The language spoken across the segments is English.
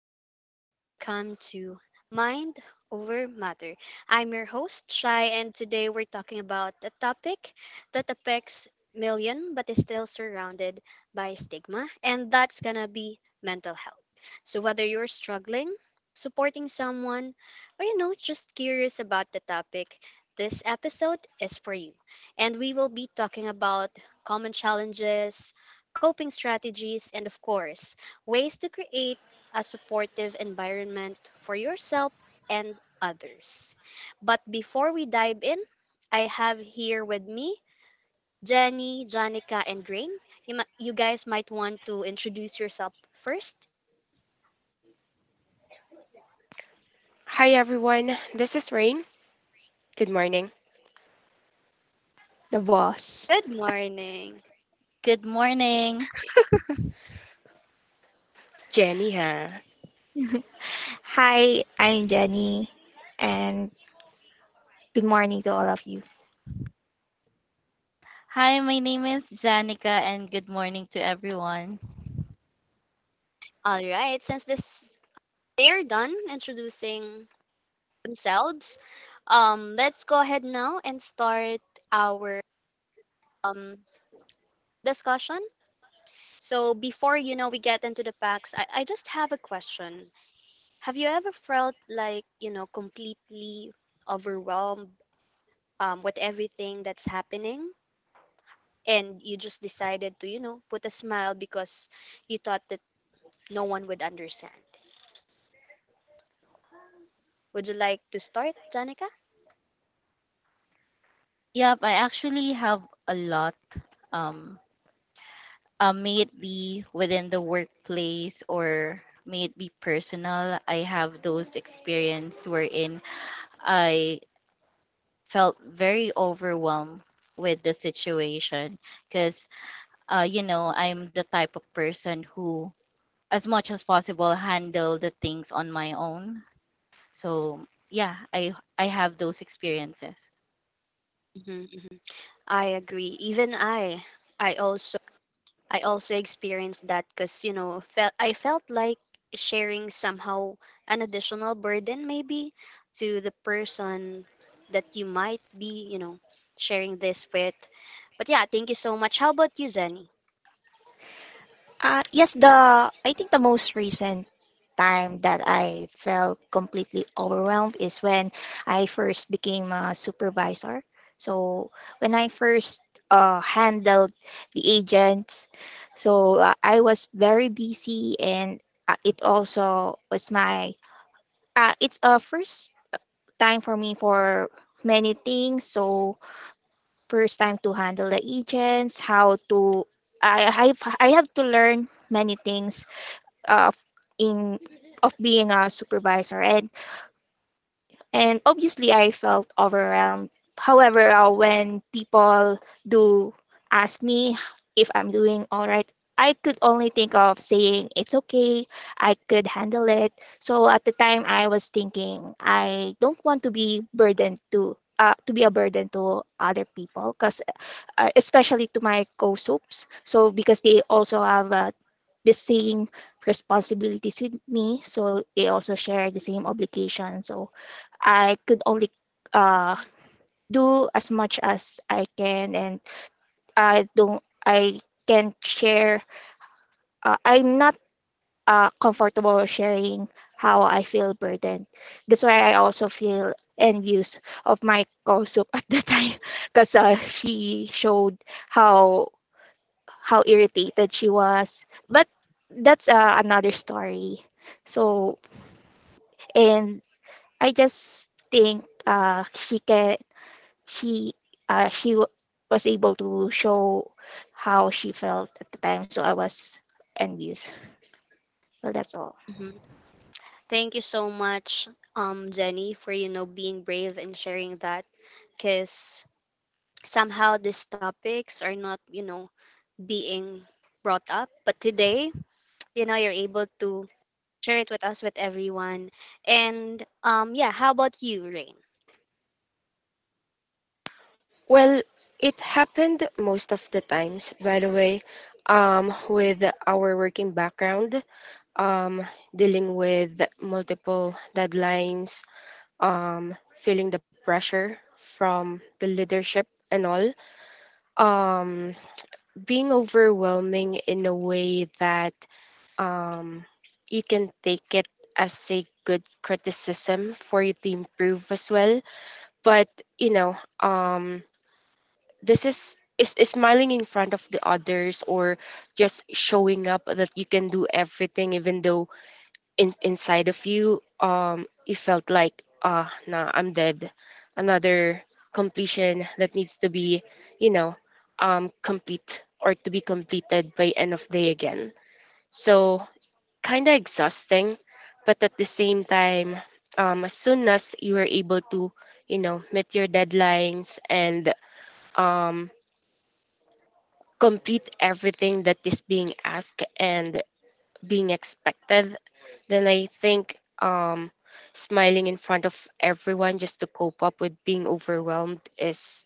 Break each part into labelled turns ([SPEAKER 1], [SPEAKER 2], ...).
[SPEAKER 1] everyone, and welcome to Mind Over Matter. I'm your host, Shai, and today we're talking about a topic that affects million but is still surrounded by stigma, and that's gonna be mental health. So, whether you're struggling, supporting someone, or just curious about the topic, this episode is for you. And we will be talking about common challenges, coping strategies, and of course, ways to create a supportive environment for yourself and others. But before we dive in, I have here with me Jenny, Janica, and Grain. You guys might want to introduce yourself first.
[SPEAKER 2] Hi everyone, this is Rain. Good morning.
[SPEAKER 3] The boss.
[SPEAKER 1] Good morning.
[SPEAKER 4] Good morning.
[SPEAKER 2] Jenny, ha?
[SPEAKER 3] Hi, I'm Jenny, and good morning to all of you.
[SPEAKER 4] Hi, my name is Janica, and good morning to everyone.
[SPEAKER 1] All right, since this they're done introducing themselves, let's go ahead now and start our um discussion. So before we get into the packs, I just have a question. Have you ever felt like, you know, completely overwhelmed with everything that's happening? And you just decided to, you know, put a smile because you thought that no one would understand. Would you like to start, Janica?
[SPEAKER 4] Yep, I actually have a lot. Um, may it be within the workplace or may it be personal, I have those experience wherein I felt very overwhelmed with the situation because I'm the type of person who as much as possible handle the things on my own. So yeah, I have those experiences.
[SPEAKER 1] hmm I agree. Even I also I also experienced that because, you know, felt I felt like sharing somehow an additional burden maybe to the person that you might be, you know, sharing this with. But yeah, thank you so much. How about you, Zenny?
[SPEAKER 3] Yes, the I think the most recent time that I felt completely overwhelmed is when I first became a supervisor. So when I first handled the agents, so I was very busy, and it also was my it's a first time for me for many things. So first time to handle the agents, how to I have to learn many things of in of being a supervisor, and obviously I felt overwhelmed. However, when people do ask me if I'm doing all right, I could only think of saying it's okay, I could handle it. So at the time I was thinking I don't want to be burdened to be a burden to other people, because especially to my co-soaps. So because they also have the same responsibilities with me, so they also share the same obligation. So I could only uh, do as much as I can, and I don't. I can share. I'm not comfortable sharing how I feel burdened. That's why I also feel envious of my co-soap at the time, because she showed how how irritated she was. But that's another story. So, and I just think she can she uh, she w- was able to show how she felt at the time. So I was envious. Well, that's all.
[SPEAKER 1] hmm Thank you so much, Zenny, for, you know, being brave and sharing that because somehow these topics are not, you know, being brought up. But today, you know, you're able to share it with us, with everyone. And yeah, how about you, Rain?
[SPEAKER 2] Well, it happened most of the times, by the way, with our working background, um, dealing with multiple deadlines, feeling the pressure from the leadership and all, um, being overwhelming in a way that um, you can take it as a good criticism for you to improve as well, but you know um this is smiling in front of the others, or just showing up that you can do everything even though inside of you, you felt like, ah, nah, I'm dead, another completion that needs to be, you know complete or to be completed by end of day again. So kind of exhausting, but at the same time, as soon as you were able to, you know, meet your deadlines and um, complete everything that is being asked and being expected, then I think, smiling in front of everyone just to cope up with being overwhelmed is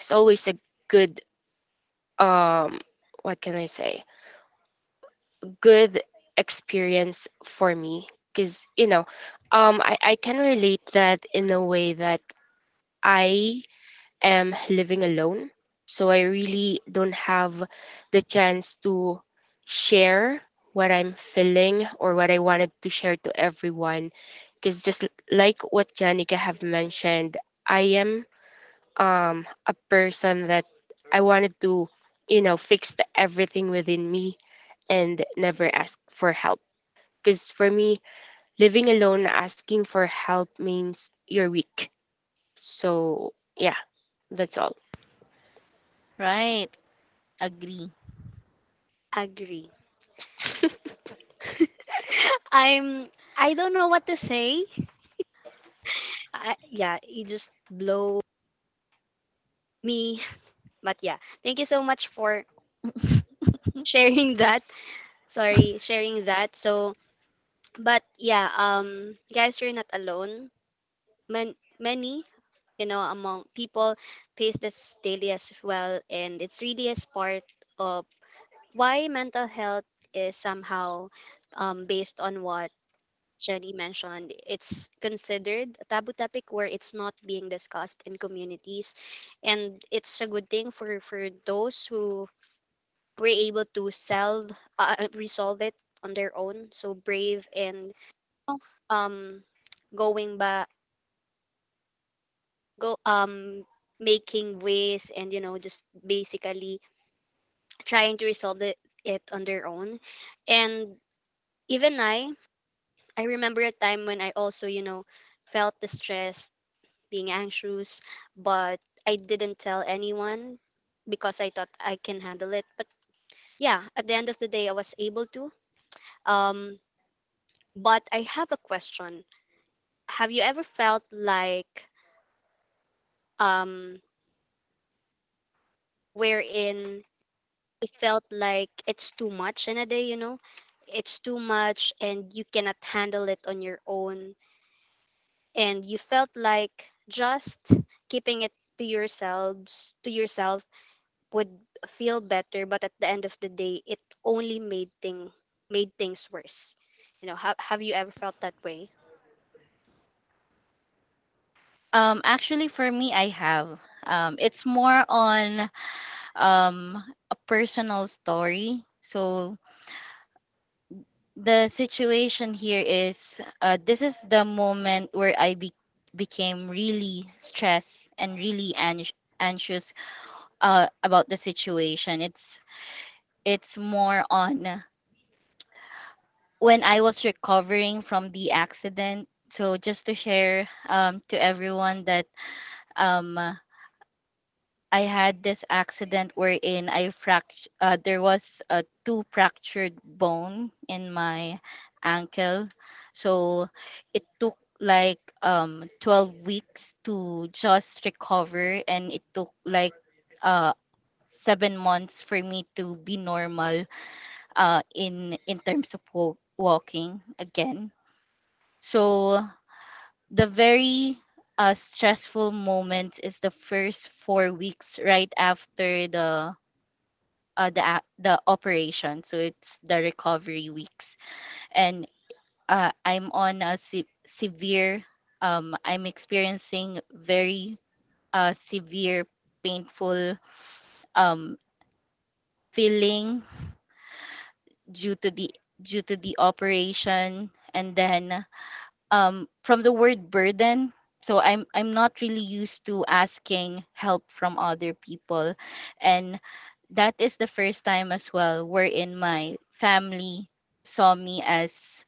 [SPEAKER 2] always a good, um, what can I say, good experience for me, because I can relate that in a way that I am living alone, so I really don't have the chance to share what I'm feeling or what I wanted to share to everyone, because just like what Janica have mentioned, I am a person that I wanted to, you know, fix the everything within me and never ask for help, because for me, living alone, asking for help means you're weak. So yeah, that's all.
[SPEAKER 4] Right. Agree.
[SPEAKER 1] Agree. I'm. I don't know what to say. Yeah, you just blow me. But yeah, thank you so much for sharing that. Sorry, sharing that. So, but yeah, guys, you're not alone. Many, you know, among people face this daily as well, and it's really as part of why mental health is somehow based on what Jenny mentioned, it's considered a taboo topic where it's not being discussed in communities, and it's a good thing for those who were able to solve resolve it on their own. So brave and um going back go making ways and you know just basically trying to it on their own. And even I remember a time when I also, you know, felt the stress, being anxious, but I didn't tell anyone because I thought I can handle it. But yeah, at the end of the day, I was able to. Um, but I have a question. Have you ever felt like, um, wherein you felt like it's too much in a day, you know? It's too much and you cannot handle it on your own and you felt like just keeping it to yourself would feel better, but at the end of the day it only made thing made things worse, you know. Have you ever felt that way?
[SPEAKER 4] Actually for me I have. It's more on um a personal story. So the situation here is this is the moment where became really stressed and anxious about the situation. It's more on when I was recovering from the accident. So just to share to everyone that um, uh, I had this accident wherein I fractured. There was a two fractured bone in my ankle, so it took like 12 weeks to just recover and it took like uh 7 months for me to be normal uh, in terms of walking again. So the very stressful moment is the first 4 weeks right after the operation. So it's the recovery weeks, and I'm on a se- severe. I'm experiencing very severe, painful um, feeling due to the operation, and then from the word burden. So I'm not really used to asking help from other people, and that is the first time as well wherein my family saw me as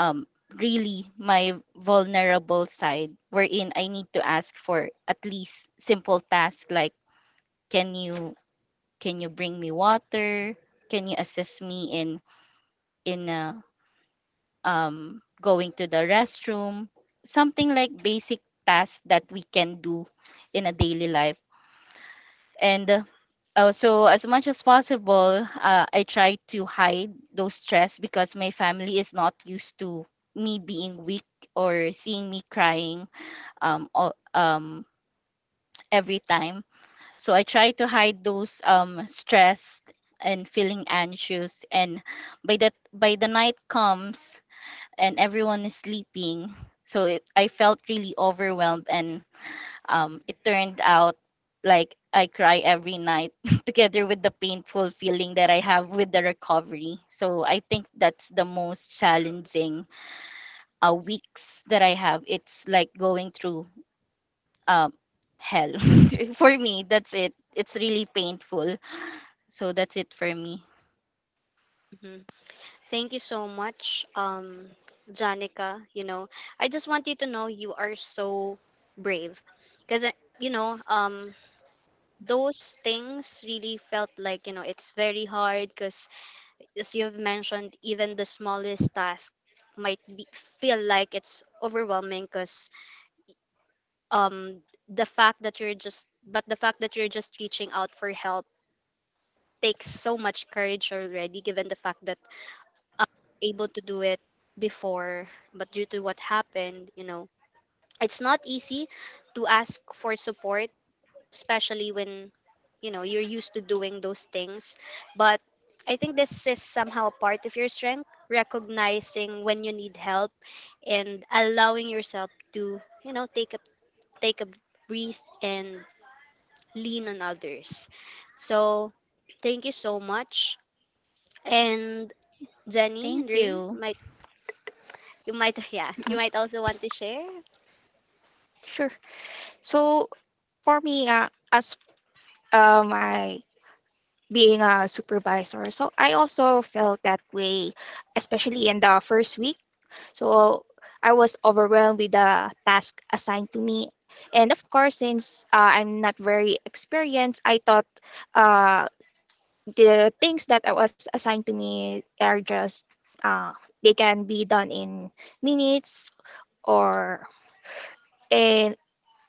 [SPEAKER 4] um, really my vulnerable side, wherein I need to ask for at least simple tasks like can you can you bring me water? Can you assist me in in uh, going to the restroom, something like basic tasks that we can do in a daily life. And so, as much as possible, I try to hide those stress because my family is not used to me being weak or seeing me crying um, all, um, every time. So, I try to hide those stress and feeling anxious and by the night comes and everyone is sleeping. I felt really overwhelmed, and it turned out like I cry every night together with the painful feeling that I have with the recovery. So I think that's the most challenging weeks that I have. It's like going through um, hell. For me, that's it. It's really painful. So that's it for me.
[SPEAKER 1] hmm Thank you so much, Janica, you know. I just want you to know you are so brave because, you know, those things really felt like, you know, it's very hard because, as you've mentioned, even the smallest task feel like it's overwhelming because, um, the fact that you're just but the fact that you're just reaching out for help takes so much courage already, given the fact that able to do it before, but due to what happened, you know, it's not easy to ask for support, especially when, you know, you're used to doing those things. But I think this is somehow a part of your strength: recognizing when you need help and allowing yourself to, you know, take a breath and lean on others. So thank you so much. And Jenny and
[SPEAKER 4] Thank
[SPEAKER 1] Rain
[SPEAKER 4] you.
[SPEAKER 1] might you might yeah, you
[SPEAKER 3] Mhm.
[SPEAKER 1] might also want to share.
[SPEAKER 3] Sure. So for me, as my being a supervisor, so I also felt that way, especially in the first week. So I was overwhelmed with the task assigned to me. And of course, since I'm not very experienced, I thought uh, the things that I was assigned to me are just uh, they can be done in minutes or in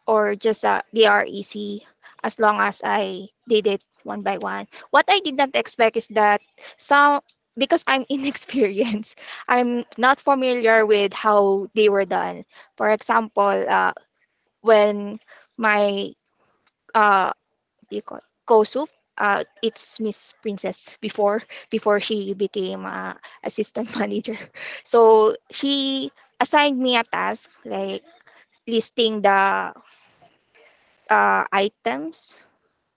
[SPEAKER 3] or just they are easy as long as I did it one by one. What I did not expect is that some, because I'm inexperienced, I'm not familiar with how they were done. For example, when my uh, what do you call Kosup, it's Miss Princess before before she became assistant manager. So she assigned me a task like listing the items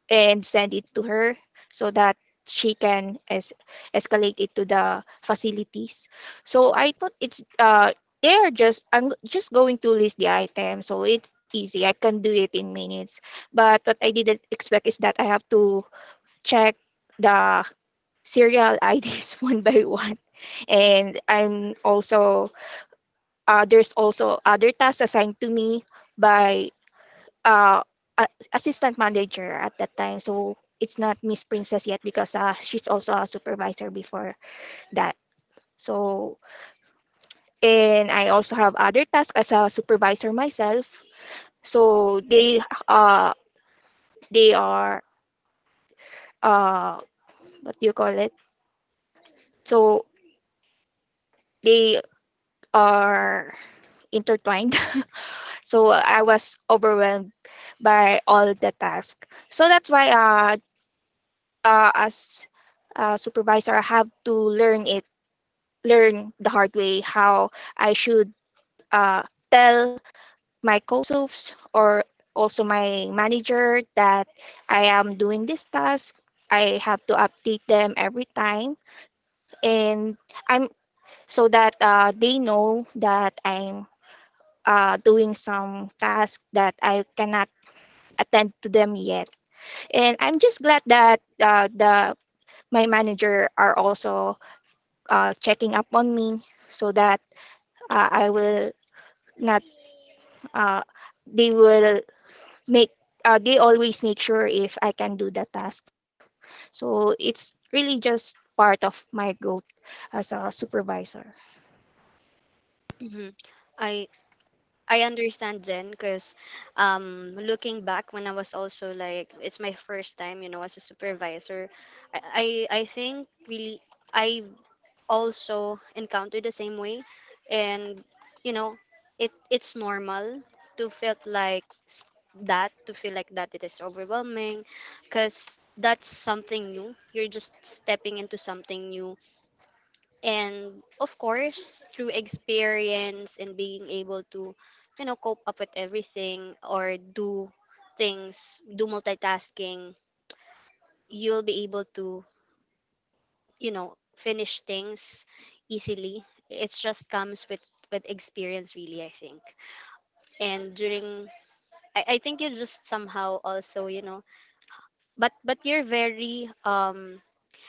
[SPEAKER 3] and send it to her so that she can escalate it to the facilities. So I thought it's they are just I'm just going to list the items, so it's easy. I can do it in minutes. But what I didn't expect is that I have to check the serial IDs one by one. And I'm also there's also other tasks assigned to me by uh, a- assistant manager at that time. So it's not Miss Princess yet, because she's also a supervisor before that. So, and I also have other tasks as a supervisor myself. So uh they are uh what do you call it? So they are intertwined. So I was overwhelmed by all the tasks. So that's why as a supervisor I have to learn the hard way how I should uh, tell my co-soups or also my manager that I am doing this task. I have to update them every time, and I'm so that they know that I'm doing some task that I cannot attend to them yet. And I'm just glad that the my manager are also checking up on me so that I will not uh, they will make they always make sure if I can do the task. So it's really just part of my growth as a supervisor.
[SPEAKER 1] Mhm. i I understand, Jen, because, looking back, when I was also like it's my first time, you know, as a supervisor, I think really I also encountered the same way. And, you know, it it's normal to feel like s- that to feel like that, it is overwhelming because that's something new, you're just stepping into something new. And of course, through experience and being able to, you know, cope up with everything or do multitasking, you'll be able to, you know, finish things easily. It just comes with experience, really, I think. And I think you just somehow also, you know, but you're very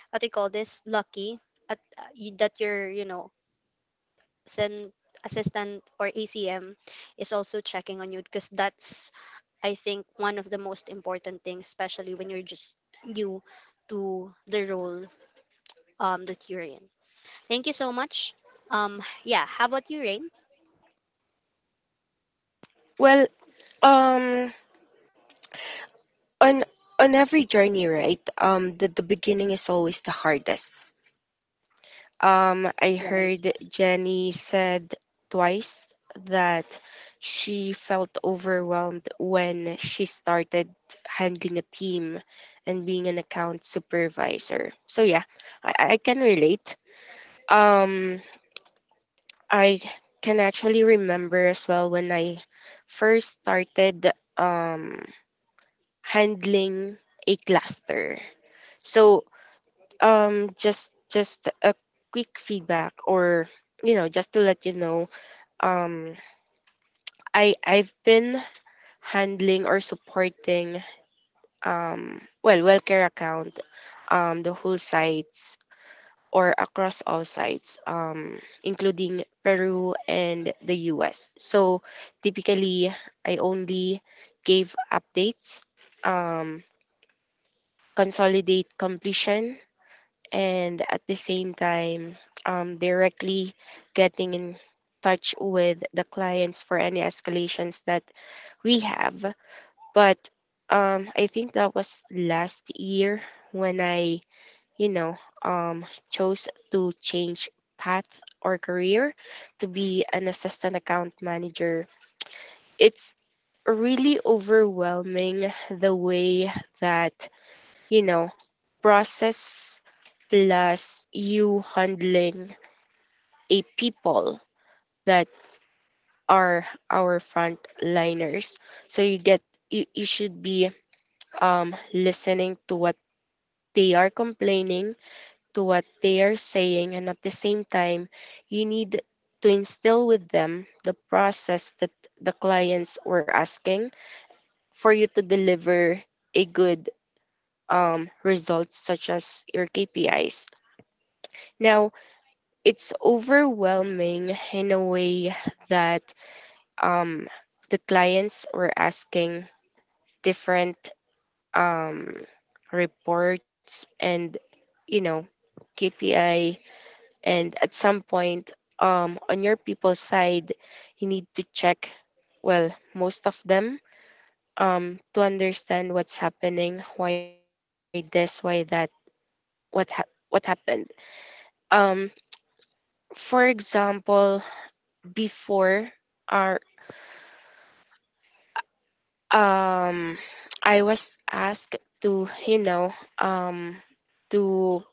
[SPEAKER 1] what do you call this lucky that you're, you know, assistant assistant or ACM is also checking on you, because that's, I think, one of the most important things, especially when you're just new to the role that you're in. Thank you so much. Yeah, how about you, Rain?
[SPEAKER 2] Well, um, on every journey, right? The the beginning is always the hardest. I
[SPEAKER 1] Right.
[SPEAKER 2] heard Jenny said twice that she felt overwhelmed when she started handling a team and being an account supervisor. So yeah, I can relate. Um, I can actually remember as well when I first started handling a cluster. So just a quick feedback, or you know, just to let you know, um, I I've been handling or supporting, WellCare account, the whole site or across all sites, including Peru and the US. So typically, I only gave updates, um, consolidate completion, and at the same time, directly getting in touch with the clients for any escalations that we have. But I think that was last year when I, you know, chose to change path or career to be an assistant account manager. It's really overwhelming the way that, you know, process plus you handling a people that are our frontliners. So you get, you should be listening to what they are complaining, to what they are saying, and at the same time, you need to instill with them the process that the clients were asking for you to deliver a good, results such as your KPIs. Now, it's overwhelming in a way that um, the clients were asking different, um, reports and you know, KPI, and at some point, on your people's side you need to check, well most of them, to understand what's happening, why this, why that, what hap what happened. um, for example, before our, um, I was asked to, you know, um, to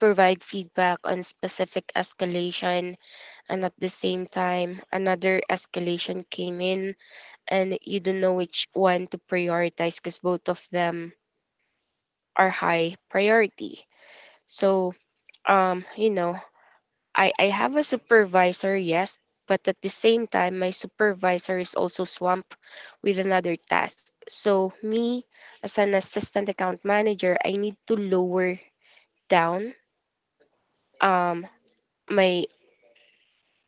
[SPEAKER 2] provide feedback on specific escalation, and at the same time another escalation came in, and you don't know which one to prioritize because both of them are high priority. So, you know, I have a supervisor, yes, but at the same time, my supervisor is also swamped with another task. So, me as an assistant account manager, I need to lower down, um, my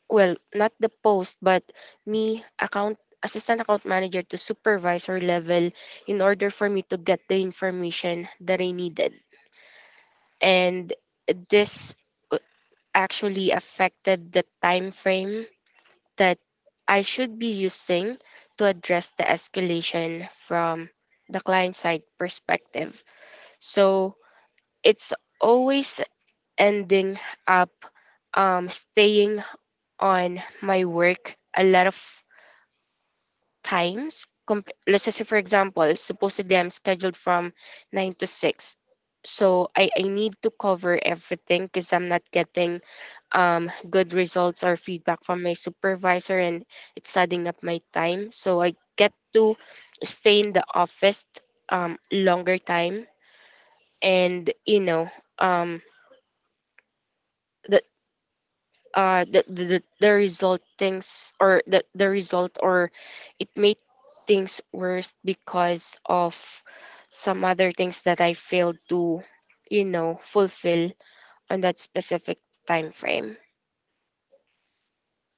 [SPEAKER 2] well, not the post, but me account, assistant account manager, to supervisor level in order for me to get the information that I needed. And this uh, actually affected the time frame that I should be using to address the escalation from the client side perspective. So it's always ending up, staying on my work a lot of times, let's just say for example supposedly I'm scheduled from 9 to 6, so I need to cover everything because I'm not getting good results or feedback from my supervisor, and it's adding up my time so I get to stay in the office longer time. And you know, um, the, the result things or the result, or it made things worse because of some other things that I failed to, you know, fulfill on that specific time frame,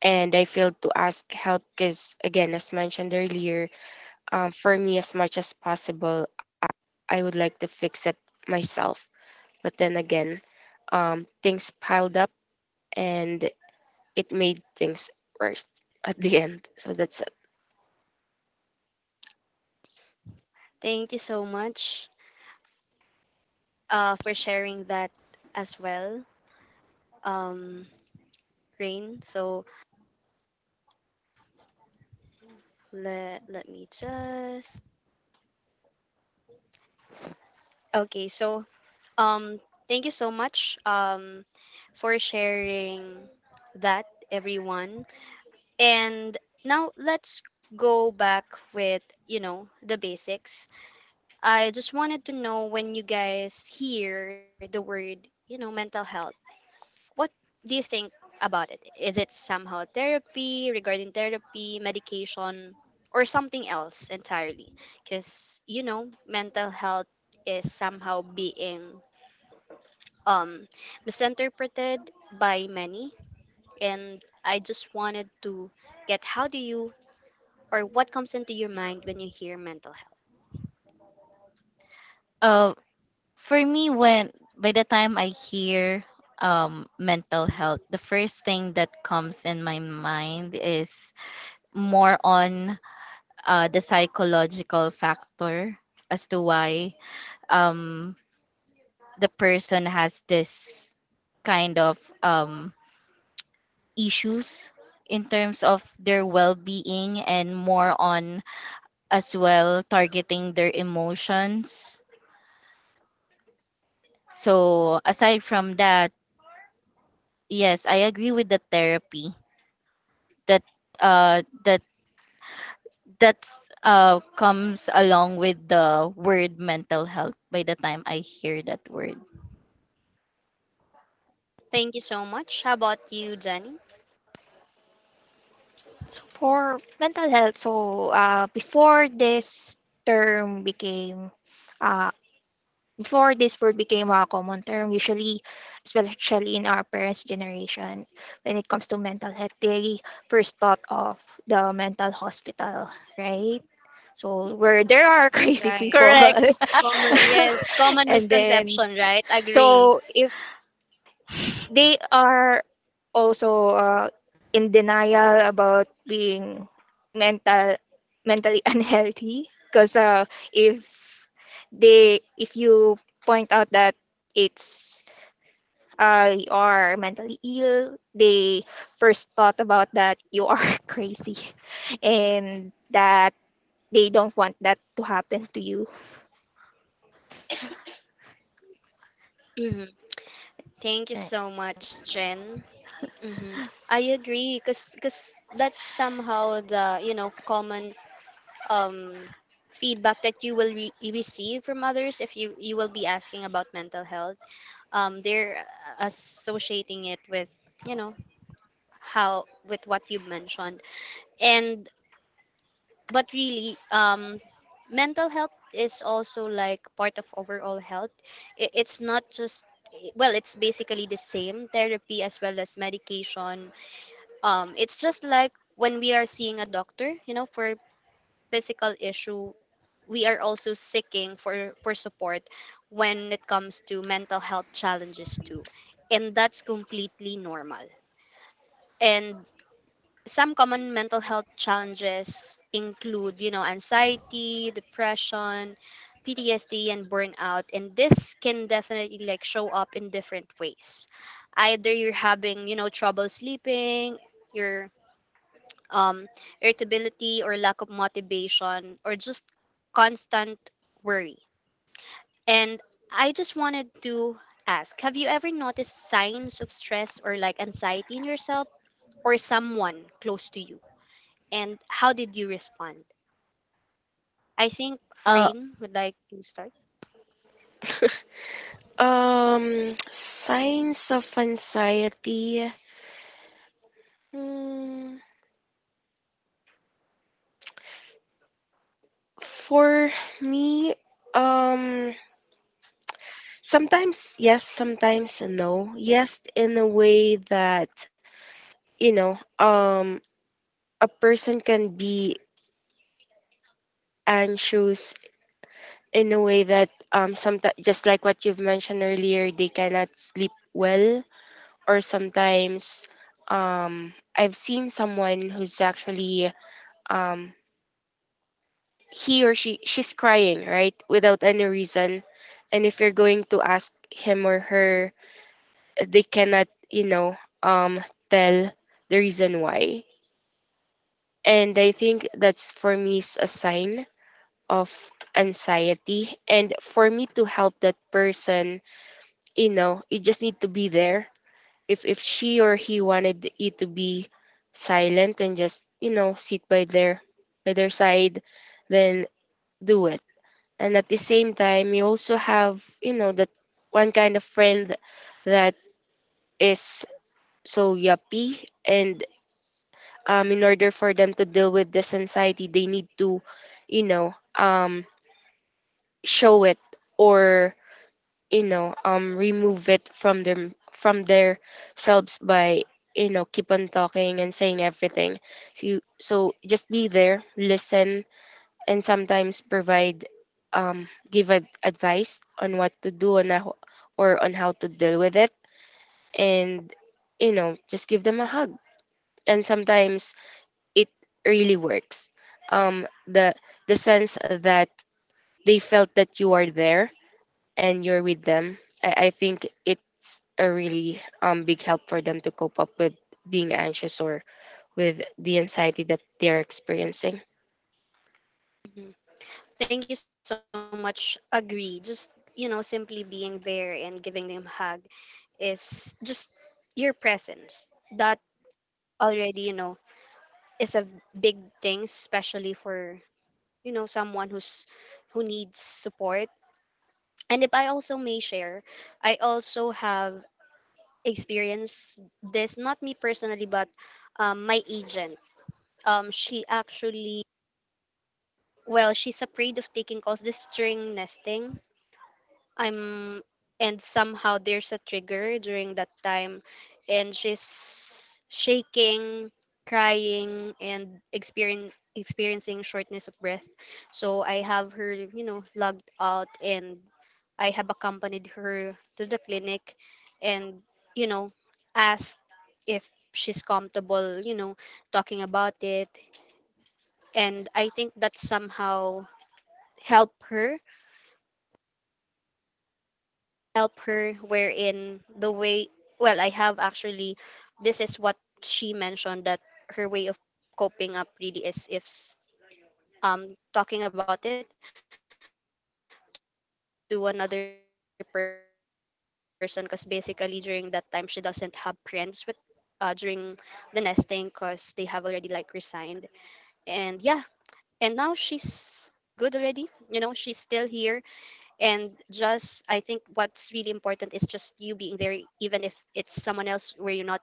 [SPEAKER 2] and I failed to ask help because, again, as mentioned earlier, for me as much as possible I would like to fix it myself, but then again, things piled up and it made things worse at the end. So that's...
[SPEAKER 1] Thank you so much for sharing that as well, um, Rain. So let me just. Okay, so Um, thank you so much for sharing that, everyone. And now let's go back with, you know, the basics. I just wanted to know, when you guys hear the word, you know, mental health, what do you think about it? Is it somehow regarding therapy, medication, or something else entirely? Because, you know, mental health is somehow being um, misinterpreted by many. And I just wanted to get how do you or what comes into your mind when you hear mental health?
[SPEAKER 4] Uh, For me, when by the time I hear mental health, the first thing that comes in my mind is more on the psychological factor as to why um, the person has this kind of issues in terms of their well-being and more on as well targeting their emotions. So aside from that, yes, I agree with the therapy that that that's comes along with the word mental health by the time I hear that word.
[SPEAKER 1] Thank you so much. How about you, Jenny?
[SPEAKER 3] So for mental health, so term became uh, before this word became a common term, usually, especially in our parents' generation, when it comes to mental health, they first thought of the mental hospital, right? So where there are crazy
[SPEAKER 1] Right.
[SPEAKER 3] people,
[SPEAKER 4] Correct.
[SPEAKER 1] Common, yes, common
[SPEAKER 3] and then
[SPEAKER 1] misconception, right? Agree.
[SPEAKER 3] so if they are also in denial about being mental mentally unhealthy, because if if you point out that it's you are mentally ill, they first thought about that you are crazy, and that they don't want that to happen to you.
[SPEAKER 1] hmm Thank you
[SPEAKER 3] Mm.
[SPEAKER 1] so much, Jen. hmm I agree, cause that's somehow the, you know, common um, feedback that you will receive from others if you will be asking about mental health. They're Associating it with, you know, how with what you mentioned. And but really, mental health is also like part of overall health. It's not just, well, it's basically the same: therapy as well as medication. It's just like when we are seeing a doctor, you know, for physical issue, we are also seeking for support when it comes to mental health challenges too. And that's completely normal. And some common mental health challenges include, you know, anxiety, depression, PTSD, and burnout. And this can definitely like show up in different ways. Either you're having, you know, trouble sleeping, you're um, irritability or lack of motivation or just constant worry. And I just wanted to ask, have you ever noticed signs of stress or like anxiety in yourself or someone close to you? And how did you respond? I think
[SPEAKER 4] Uh,
[SPEAKER 1] Rain would like to start.
[SPEAKER 2] Signs of anxiety. Hmm, for me, um, sometimes yes, sometimes no. Yes, in a way that, you know, a person can be anxious in a way that, sometimes just like what you've mentioned earlier, they cannot sleep well, or sometimes, I've seen someone who's actually, um he or she's crying, right, without any reason, and if you're going to ask him or her, they cannot, you know, um tell the reason why. And I think that's, for me, is a sign of anxiety. And for me to help that person, you know, you just need to be there. If she or he wanted you to be silent and just, you know, sit by their side, then do it. And at the same time, you also have, you know, that one kind of friend that is so yuppie, and in order for them to deal with this anxiety they need to, you know, show it, or you know, remove it from them, from their selves, by, you know, keep on talking and saying everything. So so just be there, listen, and sometimes provide, advice on what to do on a, or on how to deal with it. And you know, just give them a hug, and sometimes it really works. um, the the sense that they felt that you are there and you're with them, I think it's a really, big help for them to cope up with being anxious or with the anxiety that they're experiencing.
[SPEAKER 1] Mhm. Thank you so much. Agree. Just, you know, simply being there and giving them a hug is just your presence. That already, you know, is a big thing, especially for, you know, someone who's who needs support. And if I also may share, I also have experienced this, not me personally, but my agent. She actually, well, she's afraid of taking calls. This is during nesting I'm and somehow there's a trigger during that time, and she's shaking, crying and experience experiencing shortness of breath. So I have her, you know, logged out, and I have accompanied her to the clinic and, you know, asked if she's comfortable, you know, talking about it. And I think that somehow helped her help her, wherein the way well I have actually, this is what she mentioned, that her way of coping up really is if s- talking about it to another person, because basically during that time she doesn't have friends with during the nesting because they have already like resigned. And yeah, and now she's good already, you know, she's still here. And just, I think what's really important is just you being there, even if it's someone else where you're not close with.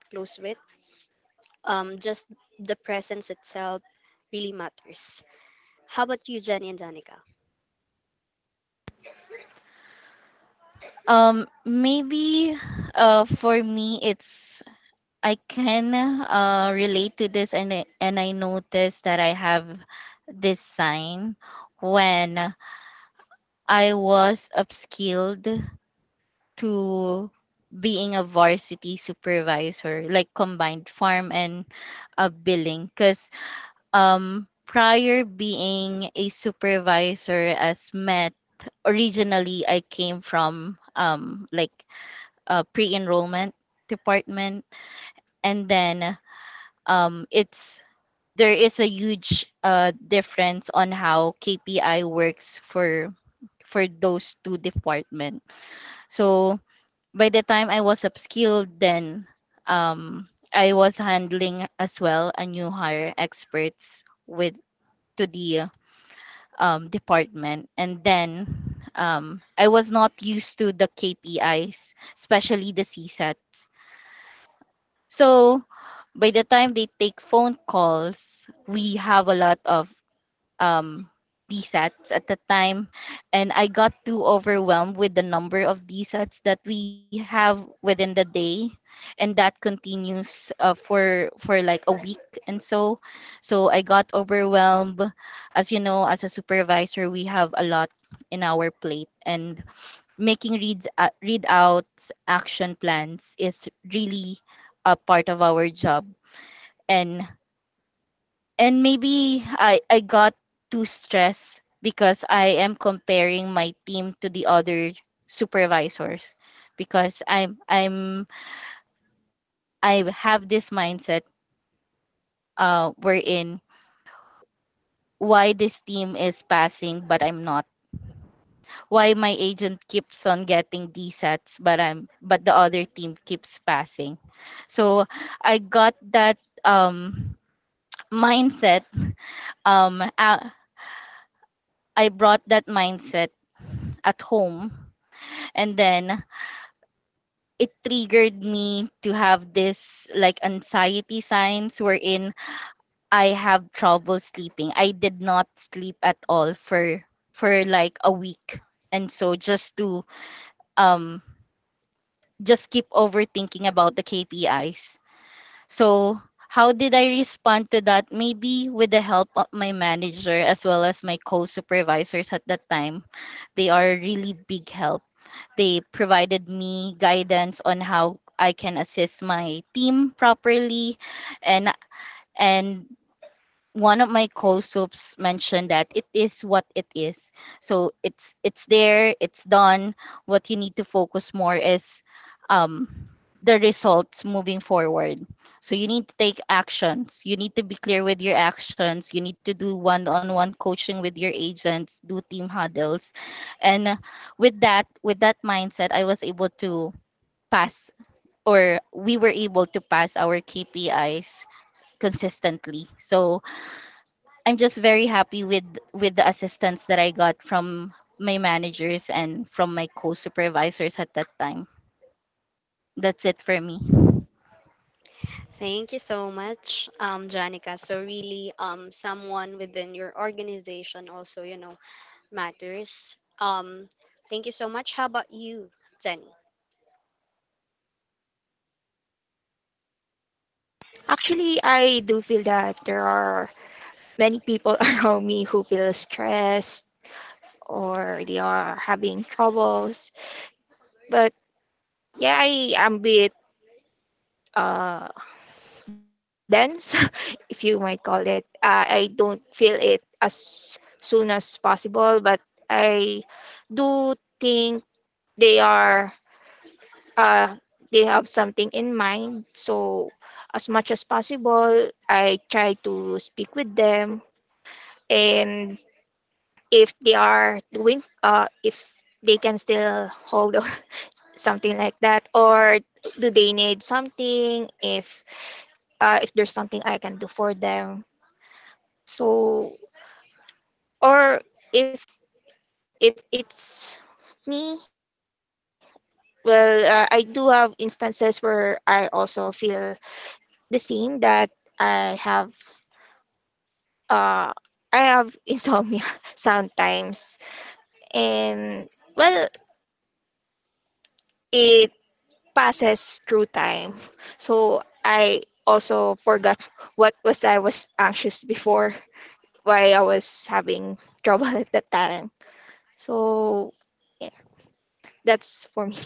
[SPEAKER 1] Just the presence itself really matters. How about you, Jenny and Janica?
[SPEAKER 4] maybe for me, it's I can relate to this, and I noticed that I have this sign when I was upskilled to being a varsity supervisor, like combined farm and billing, because prior being a supervisor as Met, originally I came from like a pre-enrollment department, and then it's there is a huge difference on how KPI works for those two departments. So by the time I was upskilled, then um, I was handling as well a new hire experts with to the department. And then I was not used to the KPIs, especially the CSATs. So by the time they take phone calls, we have a lot of um, DSATs at the time. And I got too overwhelmed with the number of DSATs that we have within the day. And that continues uh, for like a week and so. So I got overwhelmed. As you know, as a supervisor, we have a lot in our plate and making reads readouts action plans is really a part of our job, and and maybe I got too stressed because I am comparing my team to the other supervisors because I have this mindset wherein why this team is passing but I'm not, why my agent keeps on getting D sets but I'm but the other team keeps passing. So I got that um mindset um uh, I brought that mindset at home, and then it triggered me to have this like anxiety signs wherein I have trouble sleeping. I did not sleep at all for like a week. And so just to um just keep overthinking about the KPIs. So how did I respond to that? Maybe with the help of my manager as well as my co-supervisors at that time. They are really big help. They provided me guidance on how I can assist my team properly, and and one of my co soups mentioned that it is what it is. So it's there, it's done. What you need to focus more is um, the results moving forward. So you need to take actions. You need to be clear with your actions. You need to do one-on-one coaching with your agents, do team huddles. And uh, with that mindset, I was able to pass, or we were able to pass our KPIs consistently. So I'm just very happy with the assistance that I got from my managers and from my co-supervisors at that time. That's it for me.
[SPEAKER 1] Thank you so much, Janica. So really, someone within your organization also, you know, matters. Thank you so much. How about you, Jenny?
[SPEAKER 3] Actually I do feel that there are many people around me who feel stressed or they are having troubles. But yeah, I am a bit uh, dense, if you might call it. I don't feel it as soon as possible, but I do think they are uh, they have something in mind. So as much as possible, I try to speak with them and if they are doing if they can still hold on something like that, or do they need something, if there's something I can do for them, so. Or if if it's me, well I do have instances where I also feel the same, that i have uh I have insomnia sometimes, and well it passes through time. So I also forgot what was I was anxious before, why I was having trouble at that time. So yeah, that's for me.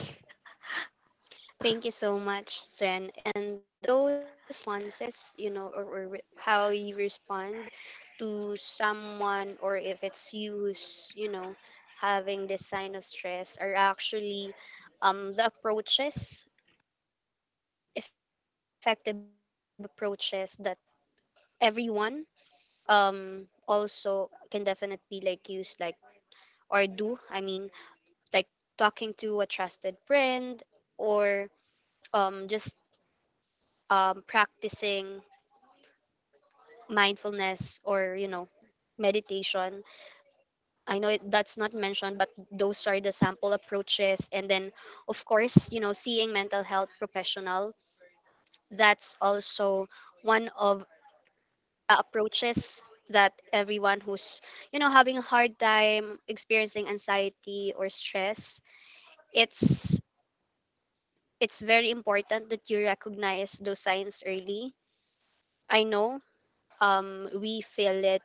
[SPEAKER 1] Thank you so much, Zen. And those responses, you know, or how you respond to someone, or if it's you who's, you know, having this sign of stress, are actually um, the approaches, effective approaches that everyone um, also can definitely like use, like, or do. I mean, like talking to a trusted friend or just practicing mindfulness or, you know, meditation. That's not mentioned, but those are the sample approaches. And then of course, you know, seeing mental health professional, that's also one of the approaches that everyone who's, you know, having a hard time experiencing anxiety or stress. it's it's very important that you recognize those signs early. I know We feel it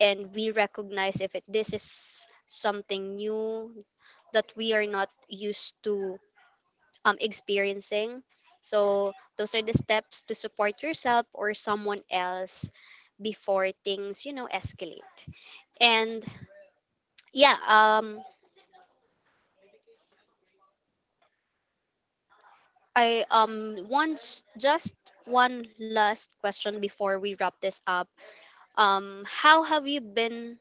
[SPEAKER 1] and we recognize if it, this is something new that we are not used to experiencing. So those are the steps to support yourself or someone else before things, you know, escalate. And yeah, I once just one last question before we wrap this up. How have you been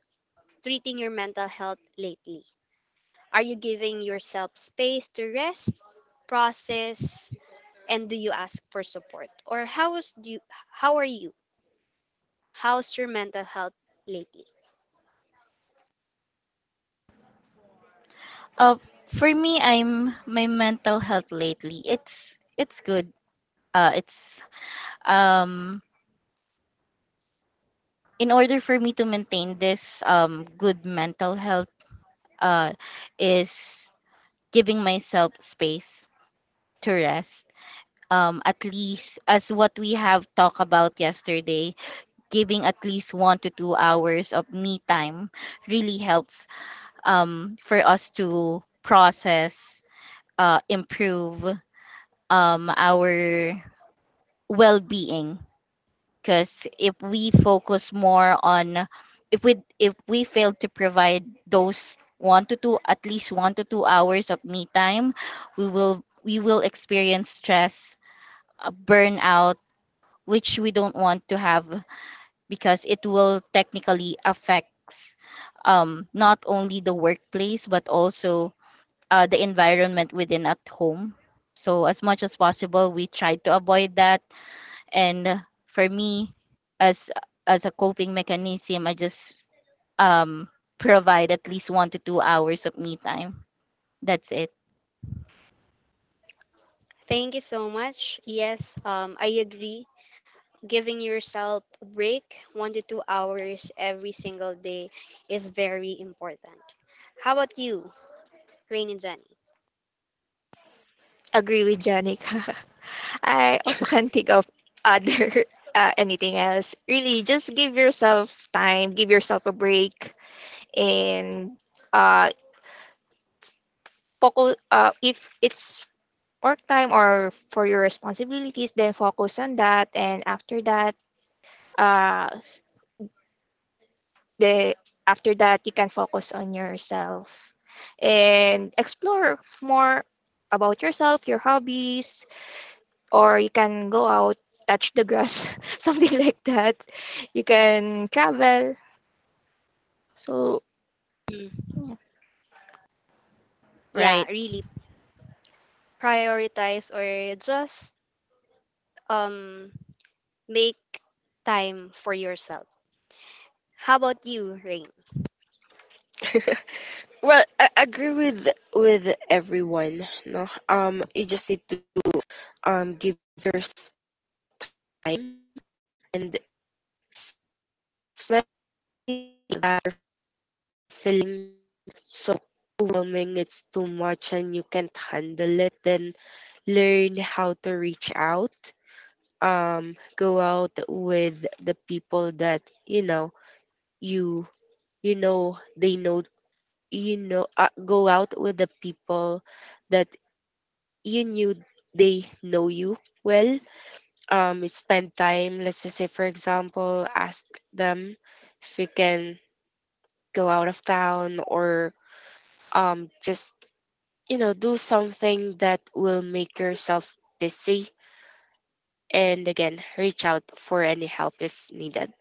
[SPEAKER 1] treating your mental health lately? Are you giving yourself space to rest, process, and do you ask for support? Or how are you? How's your mental health lately?
[SPEAKER 4] Uh, for me, I'm my mental health lately, it's good. It's um in order for me to maintain this good mental health uh is giving myself space to rest. At least as what we have talked about yesterday, giving at least 1 to 2 hours of me time really helps for us to process, improve our well being. Because if we focus more on, if we fail to provide those one to two at least 1 to 2 hours of me time, we will experience stress, burnout, which we don't want to have because it will technically affects not only the workplace but also the environment within at home. So as much as possible, we try to avoid that. And for me, as a coping mechanism, I just um, provide at least 1 to 2 hours of me time. That's it.
[SPEAKER 1] Thank you so much. Yes, I agree. Giving yourself a break 1 to 2 hours every single day is very important. How about you, Rain and Jenny?
[SPEAKER 3] Agree with Janica. I also can't think of other anything else. Really, just give yourself time, give yourself a break, and uh, focus. If it's work time or for your responsibilities, then focus on that. And after that, uh, the you can focus on yourself and explore more about yourself, your hobbies, or you can go out, touch the grass, something like that. You can travel. So,
[SPEAKER 1] Mm,
[SPEAKER 3] yeah.
[SPEAKER 1] yeah,
[SPEAKER 4] Right.
[SPEAKER 1] really prioritize or just um make time for yourself. How about you, Rain?
[SPEAKER 2] Well, I agree with everyone. No, you just need to give your time. If it feels so overwhelming, it's too much, and you can't handle it, then learn how to reach out. Go out with the people that you know you you know they know you know. Go out with the people that you knew, they know you well. Spend time, let's just say for example, ask them if we can go out of town, or just, you know, do something that will make yourself busy, and again, reach out for any help if needed.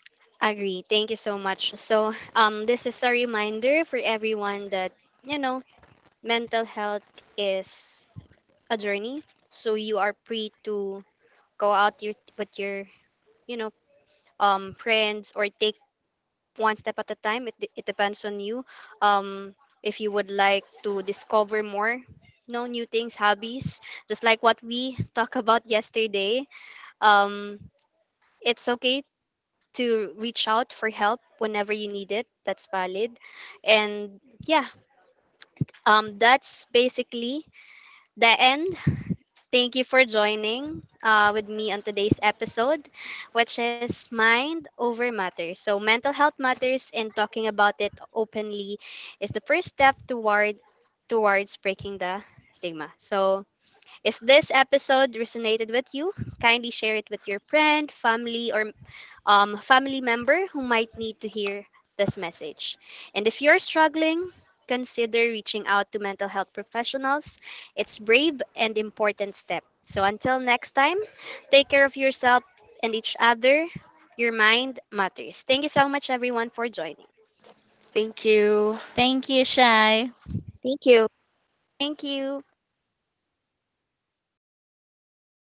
[SPEAKER 1] Agree. Thank you so much. So, this is a reminder for everyone that, you know, mental health is a journey. So you are free to go with your, you know, friends or take one step at a time. It depends on you. Um, if you would like to discover more, no new things, hobbies, just like what we talked about yesterday. Um, it's okay to reach out for help whenever you need it. That's valid. And yeah, that's basically the end. Thank you for joining with me on today's episode, which is Mind Over Matter. So, mental health matters, and talking about it openly is the first step towards breaking the stigma. So, if this episode resonated with you, kindly share it with your friend, family, or family member who might need to hear this message. And if you're struggling, consider reaching out to mental health professionals. It's brave and important step. So until next time, take care of yourself and each other. Your mind matters. Thank you so much, everyone, for joining.
[SPEAKER 2] Thank you.
[SPEAKER 4] Thank you, Shai.
[SPEAKER 3] Thank you.
[SPEAKER 1] Thank you.